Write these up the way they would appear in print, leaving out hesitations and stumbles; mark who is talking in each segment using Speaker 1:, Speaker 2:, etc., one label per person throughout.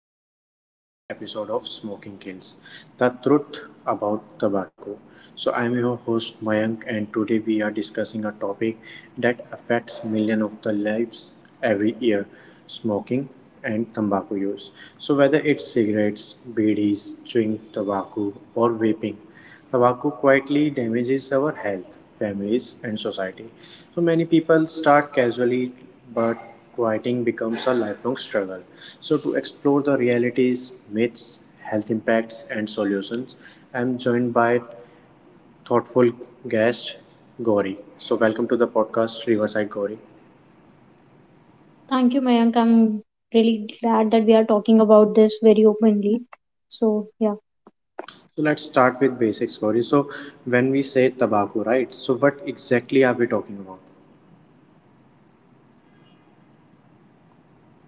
Speaker 1: welcome to the today's episode of Smoking Kills, the truth about tobacco. So I'm your host Mayank, and today we are discussing a topic that affects millions of the lives every year, smoking and tobacco use. So whether it's cigarettes, BDs, chewing tobacco or vaping, tobacco quietly damages our health, families and society. So many people start casually, but quieting becomes a lifelong struggle. So, to explore the realities, myths, health impacts, and solutions, I'm joined by thoughtful guest Gauri. So, welcome to the podcast Riverside Gauri.
Speaker 2: Thank you, Mayank. I'm really glad that we are talking about this very openly. So, yeah,
Speaker 1: So, let's start with basics, Gauri. So, when we say tobacco, right? So, what exactly are we talking about?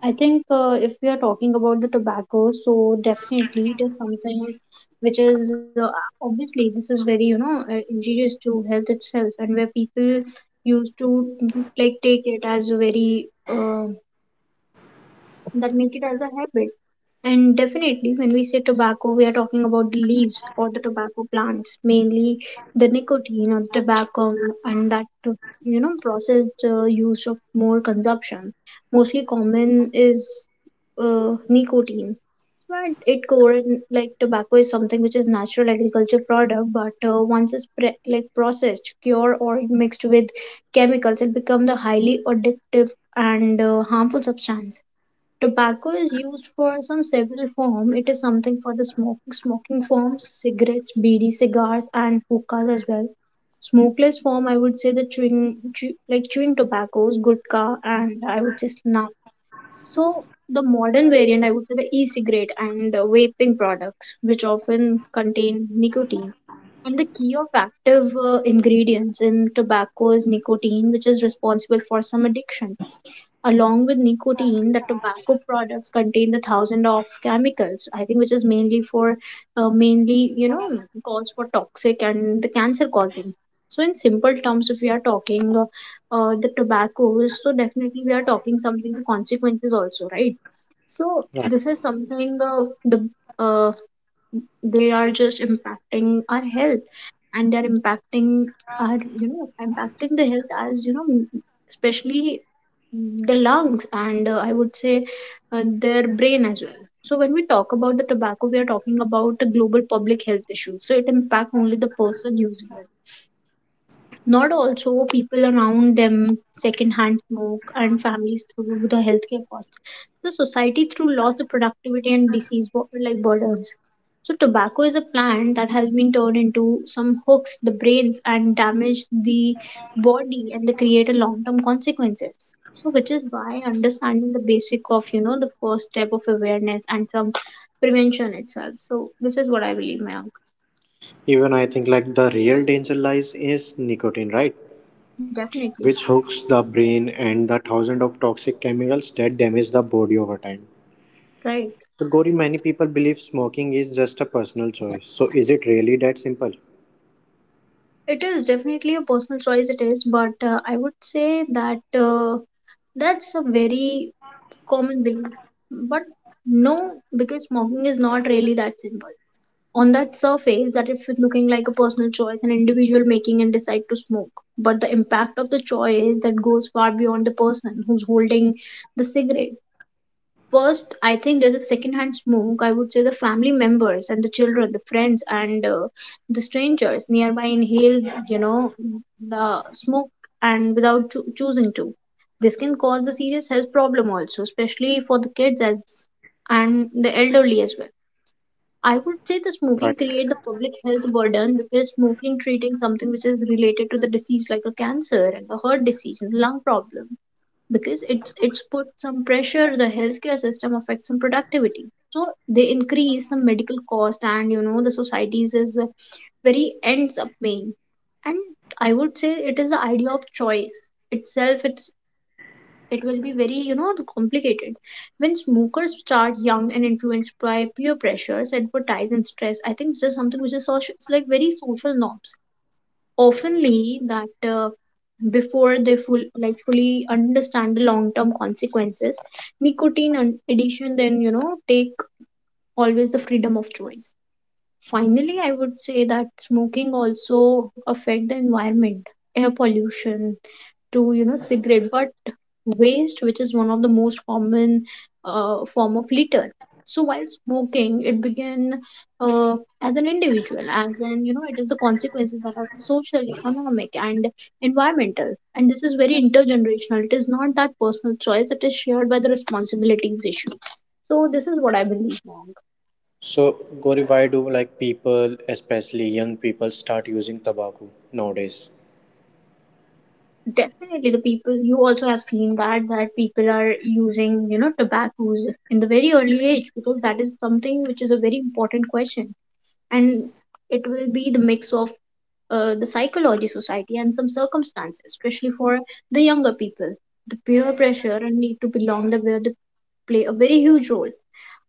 Speaker 2: I think if we are talking about the tobacco, so definitely it is something which is obviously this is very, injurious to health itself, and where people used to like take it as a very that make it as a habit. And definitely, when we say tobacco, we are talking about the leaves or the tobacco plants, mainly the nicotine or the tobacco, and that you know processed use of more consumption. Mostly common is nicotine, but it like tobacco is something which is natural agriculture product, but once it's like processed, cured, or mixed with chemicals, it becomes the highly addictive and harmful substance. Tobacco is used for some several form. It is something for the smoke, smoking forms, cigarettes, bidi, cigars, and hookahs as well. Smokeless form, I would say the like chewing tobaccos, gutka, and I would say snuff. So the modern variant, I would say the e-cigarette and vaping products, which often contain nicotine. And the key of active ingredients in tobacco is nicotine, which is responsible for some addiction. Along with nicotine, the tobacco products contain the thousand of chemicals. I think which is mainly for, mainly you know, cause for toxic and the cancer causing. So in simple terms, if we are talking the tobacco, so definitely we are talking something the consequences also, right? So this is something uh, they are just impacting our health and they're impacting our you know impacting the health as you know especially the lungs and I would say their brain as well. So when we talk about the tobacco, we are talking about the global public health issue. So it impacts only the person using it, not also people around them, secondhand smoke, and families through the healthcare costs. The society through loss of productivity and like burdens. So tobacco is a plant that has been turned into some hooks, the brains, and damage the body, and they create a long-term consequences. So which is why understanding the basic of you know the first step of awareness and some prevention itself. So this is what I believe, Mayank.
Speaker 1: Even I think like the real danger lies is nicotine, right?
Speaker 2: Definitely,
Speaker 1: Which hooks the brain and the thousands of toxic chemicals that damage the body over time.
Speaker 2: right?
Speaker 1: So, Gauri, many people believe smoking is just a personal choice. So, is it really that simple?
Speaker 2: It is definitely a personal choice, it is, but I would say that that's a very common belief. But no, because smoking is not really that simple. On that surface, that if it's looking like a personal choice, an individual making and decide to smoke. But the impact of the choice that goes far beyond the person who's holding the cigarette. First, I think there's a secondhand smoke. I would say the family members and the children, the friends and the strangers nearby inhale, you know, the smoke and without choosing to. This can cause a serious health problem also, especially for the kids as and the elderly as well. I would say the
Speaker 1: Right.
Speaker 2: smoking create the public health burden, because smoking treating something which is related to the disease like a cancer and the heart disease and lung problem, because it's put some pressure the healthcare system affects some productivity, so they increase some medical cost, and you know the societies is very ends up paying, and I would say it is the idea of choice itself. It's it will be very you know complicated when smokers start young and influenced by peer pressures advertise and stress. I think this is something which is social, it's like very social norms oftenly that before they full like fully understand the long term consequences, nicotine and addiction then you know take always the freedom of choice. Finally I would say that smoking also affect the environment, air pollution to you know cigarette but waste, which is one of the most common form of litter. So while smoking, it began uh, as an individual, as in you know, it is the consequences that are social, economic, and environmental. And this is very intergenerational. It is not that personal choice; it is shared by the responsibilities issue. So this is what I believe, Monk.
Speaker 1: So, Gauri, why do like people, especially young people, start using tobacco nowadays?
Speaker 2: Definitely, the people you also have seen that people are using you know tobacco in the very early age, because that is something which is a very important question, and it will be the mix of the psychology society and some circumstances, especially for the younger people the peer pressure and need to belong the where they play a very huge role.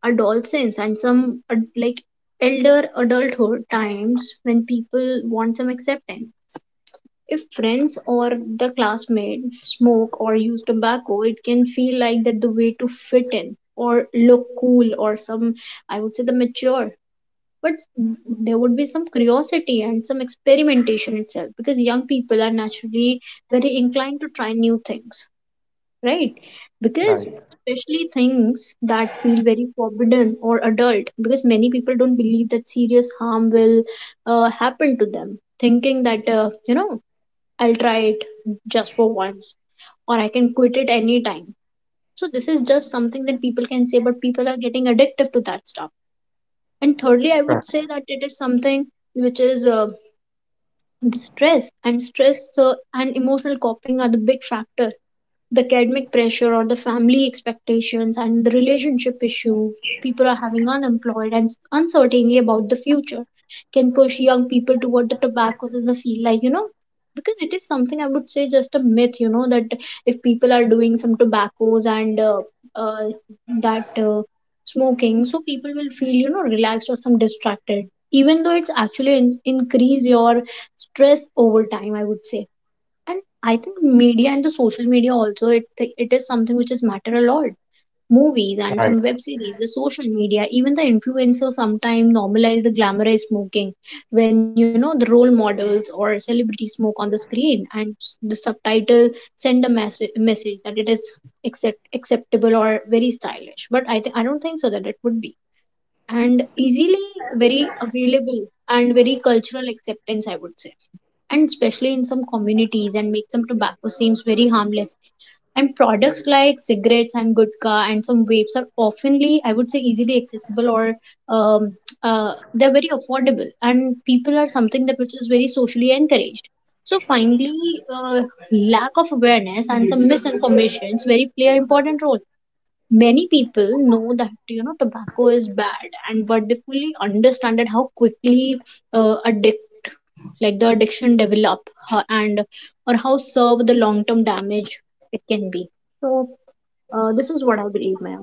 Speaker 2: Adolescence and some like elder adulthood times when people want some acceptance. If friends or the classmate smoke or use tobacco, it can feel like that the way to fit in or look cool or some, I would say, the mature. But there would be some curiosity and some experimentation itself, because young people are naturally very inclined to try new things, right? Because
Speaker 1: Right.
Speaker 2: especially things that feel very forbidden or adult, because many people don't believe that serious harm will happen to them, thinking that you know I'll try it just for once, or I can quit it anytime. So this is just something that people can say, but people are getting addictive to that stuff. And thirdly, I would say that it is something which is the stress and emotional coping are the big factor, the academic pressure or the family expectations and the relationship issue. People are having unemployed and uncertainty about the future can push young people toward the tobacco as a field like you know, because it is something I would say just a myth you know that if people are doing some tobaccos and uh, that smoking, so people will feel you know relaxed or some distracted, even though it's actually increase your stress over time, I would say. And I think media and the social media also, it is something which is matter a lot. Movies and some
Speaker 1: Right.
Speaker 2: web series, the social media, even the influencers sometimes normalize the glamorized smoking. When you know the role models or celebrities smoke on the screen, and the subtitle send a message that it is accept acceptable or very stylish. But I think I don't think so that it would be and easily very available and very cultural acceptance, I would say. And especially in some communities and make some tobacco seems very harmless, and products like cigarettes and gutka and some vapes are oftenly, I would say, easily accessible or um, they're very affordable, and people are something that which is very socially encouraged. So finally, lack of awareness and some misinformations very play an important role. Many people know that you know tobacco is bad and but they fully understand that how quickly addictive like the addiction develop and or how serve the long term damage it can be. So this is what I believe, ma'am.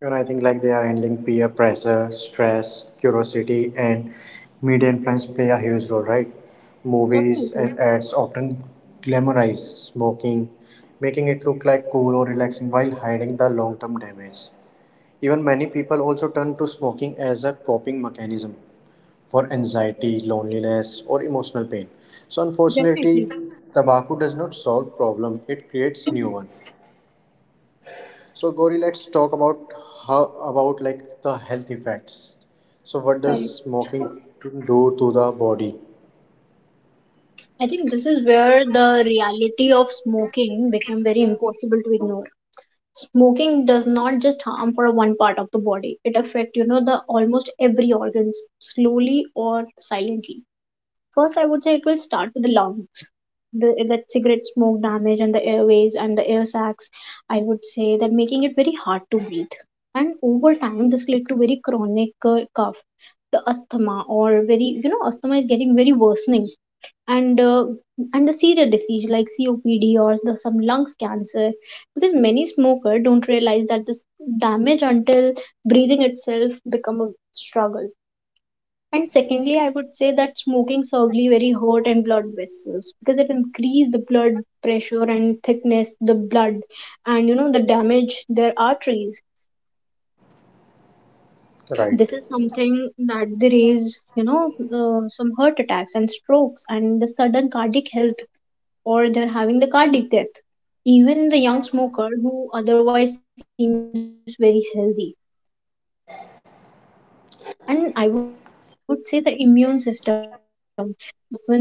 Speaker 1: You know, I think like they are handling peer pressure, stress, curiosity, and media influence play a huge role, right? Movies
Speaker 2: Definitely,
Speaker 1: and ads often glamorize smoking, making it look like cool or relaxing while hiding the long term damage. Even many people also turn to smoking as a coping mechanism for anxiety, loneliness, or emotional pain. So,
Speaker 2: definitely.
Speaker 1: unfortunately, tobacco does not solve problem; it creates new one. So Gauri, let's talk about how about like the health effects. So what does
Speaker 2: Correct.
Speaker 1: smoking do to the body?
Speaker 2: I think this is where the reality of smoking become very impossible to ignore. Smoking does not just harm for one part of the body, it affect you know the almost every organs slowly or silently. First, I would say it will start with the lungs. The, that cigarette smoke damage and the airways and the air sacs, I would say that making it very hard to breathe. And over time, this led to very chronic cough, the asthma, or very you know asthma is getting very worsening, and uh, and the serious disease like COPD or the, some lungs cancer, because many smokers don't realize that this damage until breathing itself become a struggle. And secondly, I would say that smoking severely very hurt and blood vessels, because it increased the blood pressure and thickness, the blood, and you know the damage their arteries.
Speaker 1: Right.
Speaker 2: This is something that there is, some heart attacks and strokes and the sudden cardiac health, or they're having the cardiac death, even in the young smoker who otherwise seems very healthy. And I would say the immune system, the weakness of immune system, the smoker will you know fall sick often. They are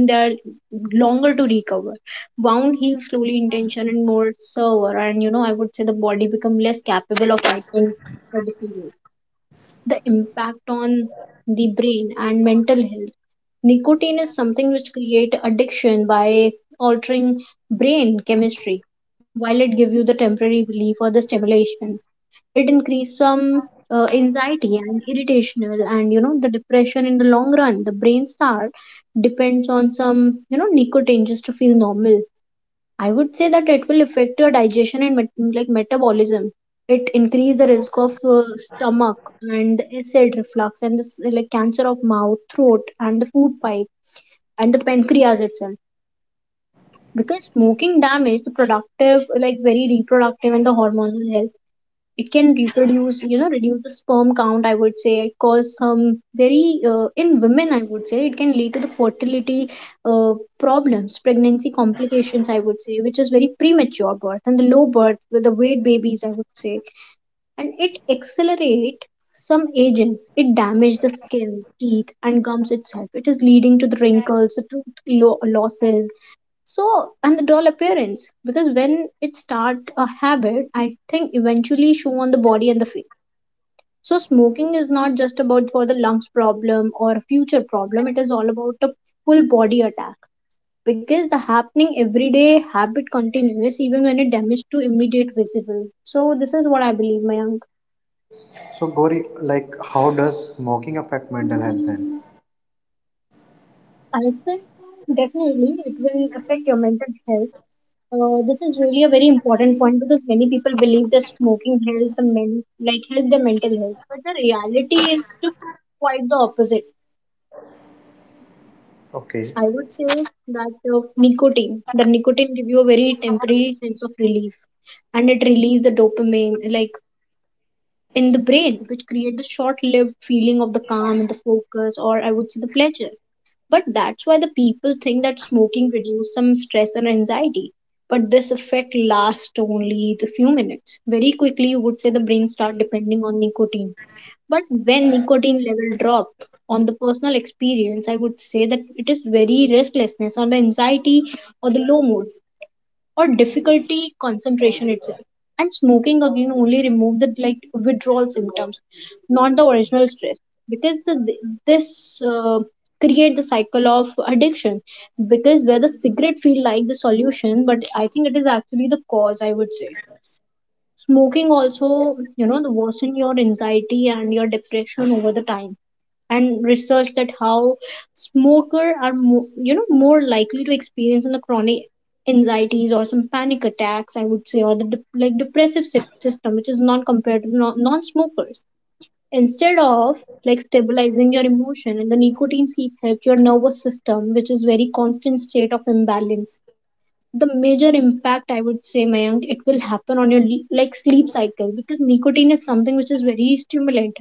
Speaker 2: longer to recover. Wound heals slowly in tension and more severe, and you know I would say the body become less capable of fighting the disease. The impact on the brain and mental health. Nicotine is something which create addiction by altering brain chemistry. While it give you the temporary relief or the stimulation, it increase some anxiety and irritational and you know the depression in the long run. The brain start depends on some you know nicotine just to feel normal. I would say that it will affect your digestion and like metabolism. It increase the risk of stomach and acid reflux and this like cancer of mouth, throat, and the food pipe and the pancreas itself. Because smoking damage the productive, like very reproductive and the hormonal health, it can reproduce reduce the sperm count. I would say it cause some very in women, I would say it can lead to the fertility uh, problems, pregnancy complications, I would say, which is very premature birth and the low birth with the weight babies, I would say. And it accelerate some aging, it damage the skin, teeth and gums itself, it is leading to the wrinkles, the losses. So, and the doll appearance, because when it start a habit, I think eventually show on the body and the face. So smoking is not just about for the lungs problem or a future problem, it is all about a full body attack, because the happening everyday habit continues even when it damage to immediate visible. So this is what I believe, Mayank.
Speaker 1: So Gauri, like how does smoking affect mental health then?
Speaker 2: I think definitely it will affect your mental health. This is really a very important point, because many people believe that smoking helps the men, like help their mental health, but the reality is to quite the opposite.
Speaker 1: Okay.
Speaker 2: I would say that nicotine give you a very temporary sense of relief, and it releases the dopamine, like in the brain, which create the short-lived feeling of the calm and the focus, or I would say the pleasure. But that's why the people think that smoking reduces some stress and anxiety. But this effect lasts only the few minutes. Very quickly, you would say the brain start depending on nicotine. But when nicotine level drop, on the personal experience, I would say that it is very restlessness or the anxiety or the low mood or difficulty concentration itself. And smoking again only remove the like withdrawal symptoms, not the original stress, because the this create the cycle of addiction. Because where the cigarette feel like the solution, but I think it is actually the cause. I would say smoking also the worsen your anxiety and your depression over the time, and research that how smoker are more, more likely to experience in the chronic anxieties or some panic attacks, I would say, or the like system, which is non compared to non-smokers, instead of like stabilizing your emotion, and the nicotine sleep helps your nervous system, which is very constant state of imbalance. The major impact, I would say, Mayank, it will happen on your like sleep cycle, because nicotine is something which is very stimulant.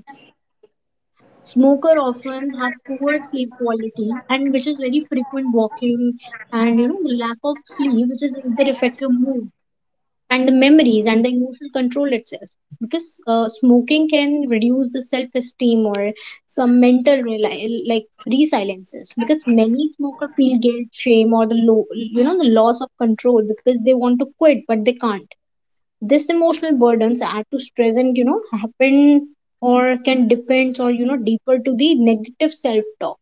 Speaker 2: Smoker often have poor sleep quality and which is very frequent walking, and the lack of sleep which is either affect your mood and the memories and the emotional control itself. Because smoking can reduce the self-esteem or some mental like resiliences, because many smoker feel guilt, shame, or the low, the loss of control, because they want to quit but they can't. This emotional burdens add to stress and happen, or can depend, or deeper to the negative self-talk.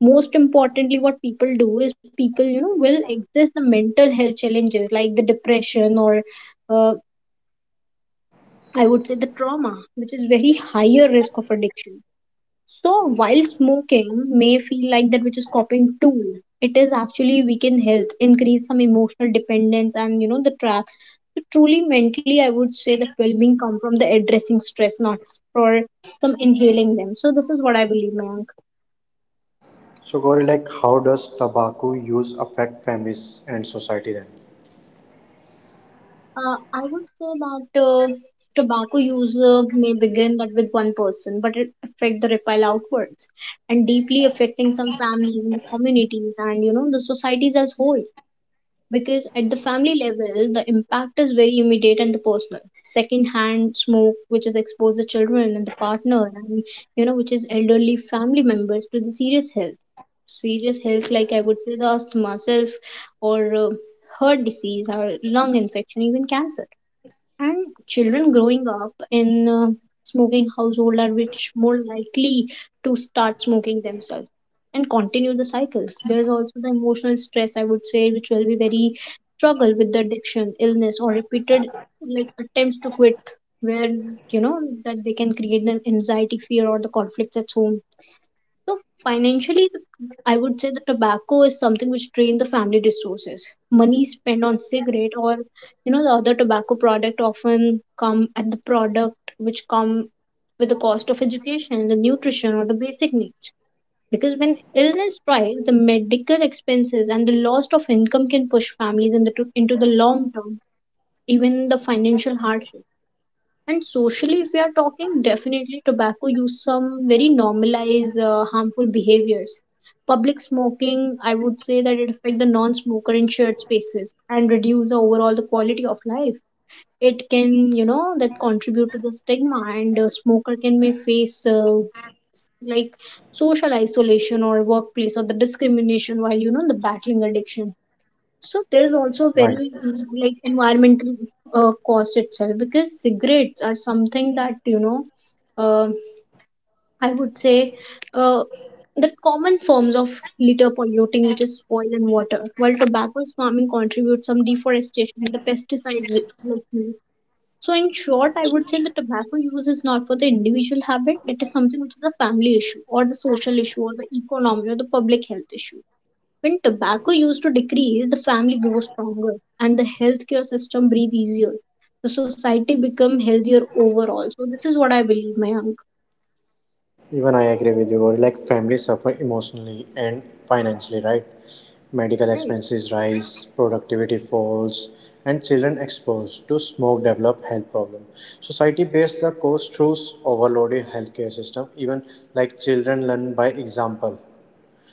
Speaker 2: Most importantly, what people do is people will exist the mental health challenges like the depression or uh, I would say the trauma, which is very higher risk of addiction. So while smoking may feel like that which is coping tool, it is actually weaken health, increase some emotional dependence, and the trap. So truly mentally, I would say that well-being come from the addressing stress, not for from inhaling them. So this is what I believe, man.
Speaker 1: So Gauri, like how does tobacco use affect families and society then?
Speaker 2: I would say that tobacco use may begin that with one person, but it affect the ripple outwards and deeply affecting some families and the communities and the societies as whole. Because at the family level, the impact is very immediate and the personal. Second-hand smoke, which is exposed the children and the partner, and which is elderly family members to the serious health, serious health like, I would say, the asthma self or heart disease or lung infection, even cancer. And children growing up in smoking household are which more likely to start smoking themselves and continue the cycle. There's also the emotional stress, I would say, which will be very struggle with the addiction, illness, or repeated like attempts to quit, where that they can create an anxiety, fear, or the conflicts at home. So financially, I would say the tobacco is something which drains the family resources. Money spent on cigarette or the other tobacco product often come at the product which come with the cost of education, the nutrition or the basic needs. Because when illness strikes, the medical expenses and the loss of income can push families into the long term, even the financial hardship. And socially, if we are talking, definitely tobacco use some very normalized harmful behaviors. Public smoking, I would say that it affect the non-smoker in shared spaces and reduce the overall the quality of life. It can, that contribute to the stigma, and smoker can may face like social isolation or workplace or the discrimination while, the battling addiction. So there's also
Speaker 1: Right.
Speaker 2: very like environmental cost itself, because cigarettes are something that uh, I would say uh, the common forms of litter polluting, which is soil and water, while tobacco's farming contributes some deforestation and the pesticides, like you. So in short, I would say the tobacco use is not for the individual habit; it is something which is a family issue or the social issue or the economy or the public health issue. When tobacco use to decrease, the family grows stronger and the healthcare system breathes easier. The society become healthier overall. So this is what I believe, Mayank.
Speaker 1: Even I agree with you, Gauri. Like families suffer emotionally and financially, right? Medical
Speaker 2: Right.
Speaker 1: expenses rise, productivity falls, and children exposed to smoke develop health problems. Society bears the cost through overloaded healthcare system. Even like children learn by example.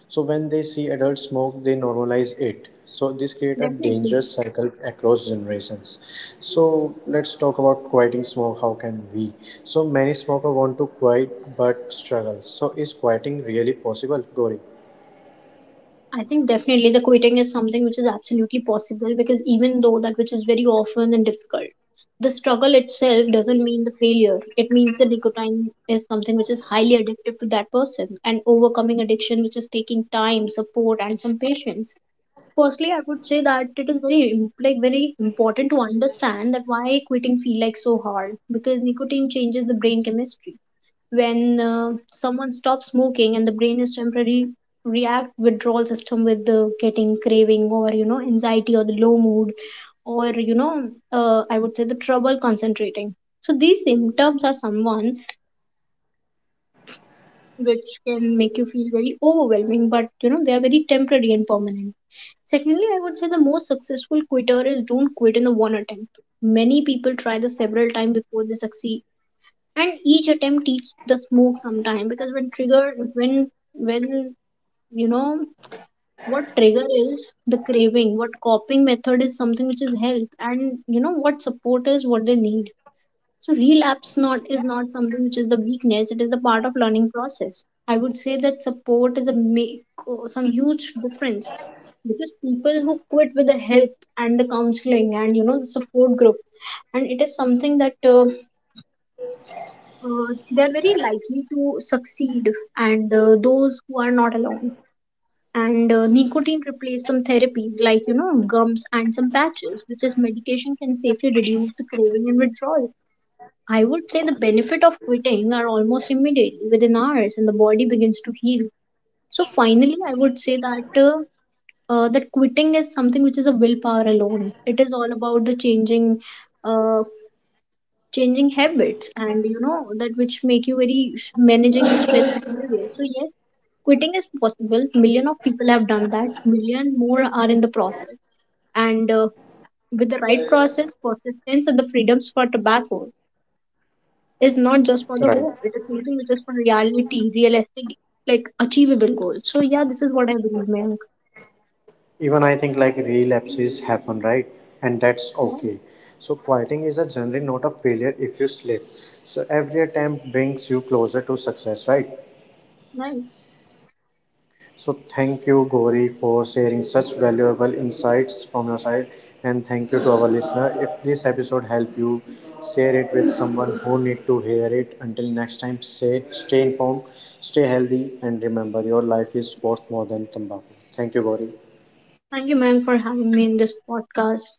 Speaker 1: So when they see adults smoke, they normalize it. So this create a
Speaker 2: Definitely.
Speaker 1: dangerous cycle across generations. So let's talk about quieting smoke. How can we? So many smokers want to quiet but struggle. So is quieting really possible, Gauri?
Speaker 2: I think definitely the quitting is something which is absolutely possible, because even though that which is very often and difficult, the struggle itself doesn't mean the failure. It means the nicotine is something which is highly addictive to that person, and overcoming addiction which is taking time, support and some patience. Firstly, I would say that it is very like very important to understand that why quitting feel like so hard, because nicotine changes the brain chemistry. When someone stops smoking, and the brain is temporarily react withdrawal system with the getting craving or anxiety or the low mood or I would say the trouble concentrating. So these symptoms are someone which can make you feel very overwhelming, but, they are very temporary and permanent. Secondly, I would say the most successful quitter is don't quit in the one attempt. Many people try this several times before they succeed, and each attempt eats the smoke sometime, because when triggered, when you know what trigger is the craving, what coping method is something which is help, and what support is what they need. So relapse not is not something which is the weakness, it is the part of learning process. I would say that support is a make, oh, some huge difference, because people who quit with the help and the counseling and the support group, and it is something that they are very likely to succeed, and those who are not alone. And nicotine replaced some therapies like gums and some patches which is medication can safely reduce the craving and withdrawal. I would say the benefit of quitting are almost immediate, within hours, and the body begins to heal. So finally, I would say that that quitting is something which is a willpower alone. It is all about the changing uh, changing habits, and that which make you very managing the stress is easier. So yes, quitting is possible. Million of people have done that. Million more are in the process, and with the right process, persistence and the freedoms for tobacco is not just for the
Speaker 1: Right.
Speaker 2: hope, it is something which is for reality realistic like achievable goals. So yeah, this is what I believe, Mayank.
Speaker 1: Even I think like relapses happen, right? And that's
Speaker 2: Right.
Speaker 1: okay. So quieting is a journey, not a failure if you slip. So every attempt brings you closer to success, right?
Speaker 2: Right.
Speaker 1: So thank you, Gauri, for sharing such valuable insights from your side, and thank you to our listener. If this episode helped you, share it with someone who need to hear it. Until next time, say stay informed, stay healthy, and remember your life is worth more than tobacco. Thank you, Gauri.
Speaker 2: Thank you, Mayank, for having me in this podcast.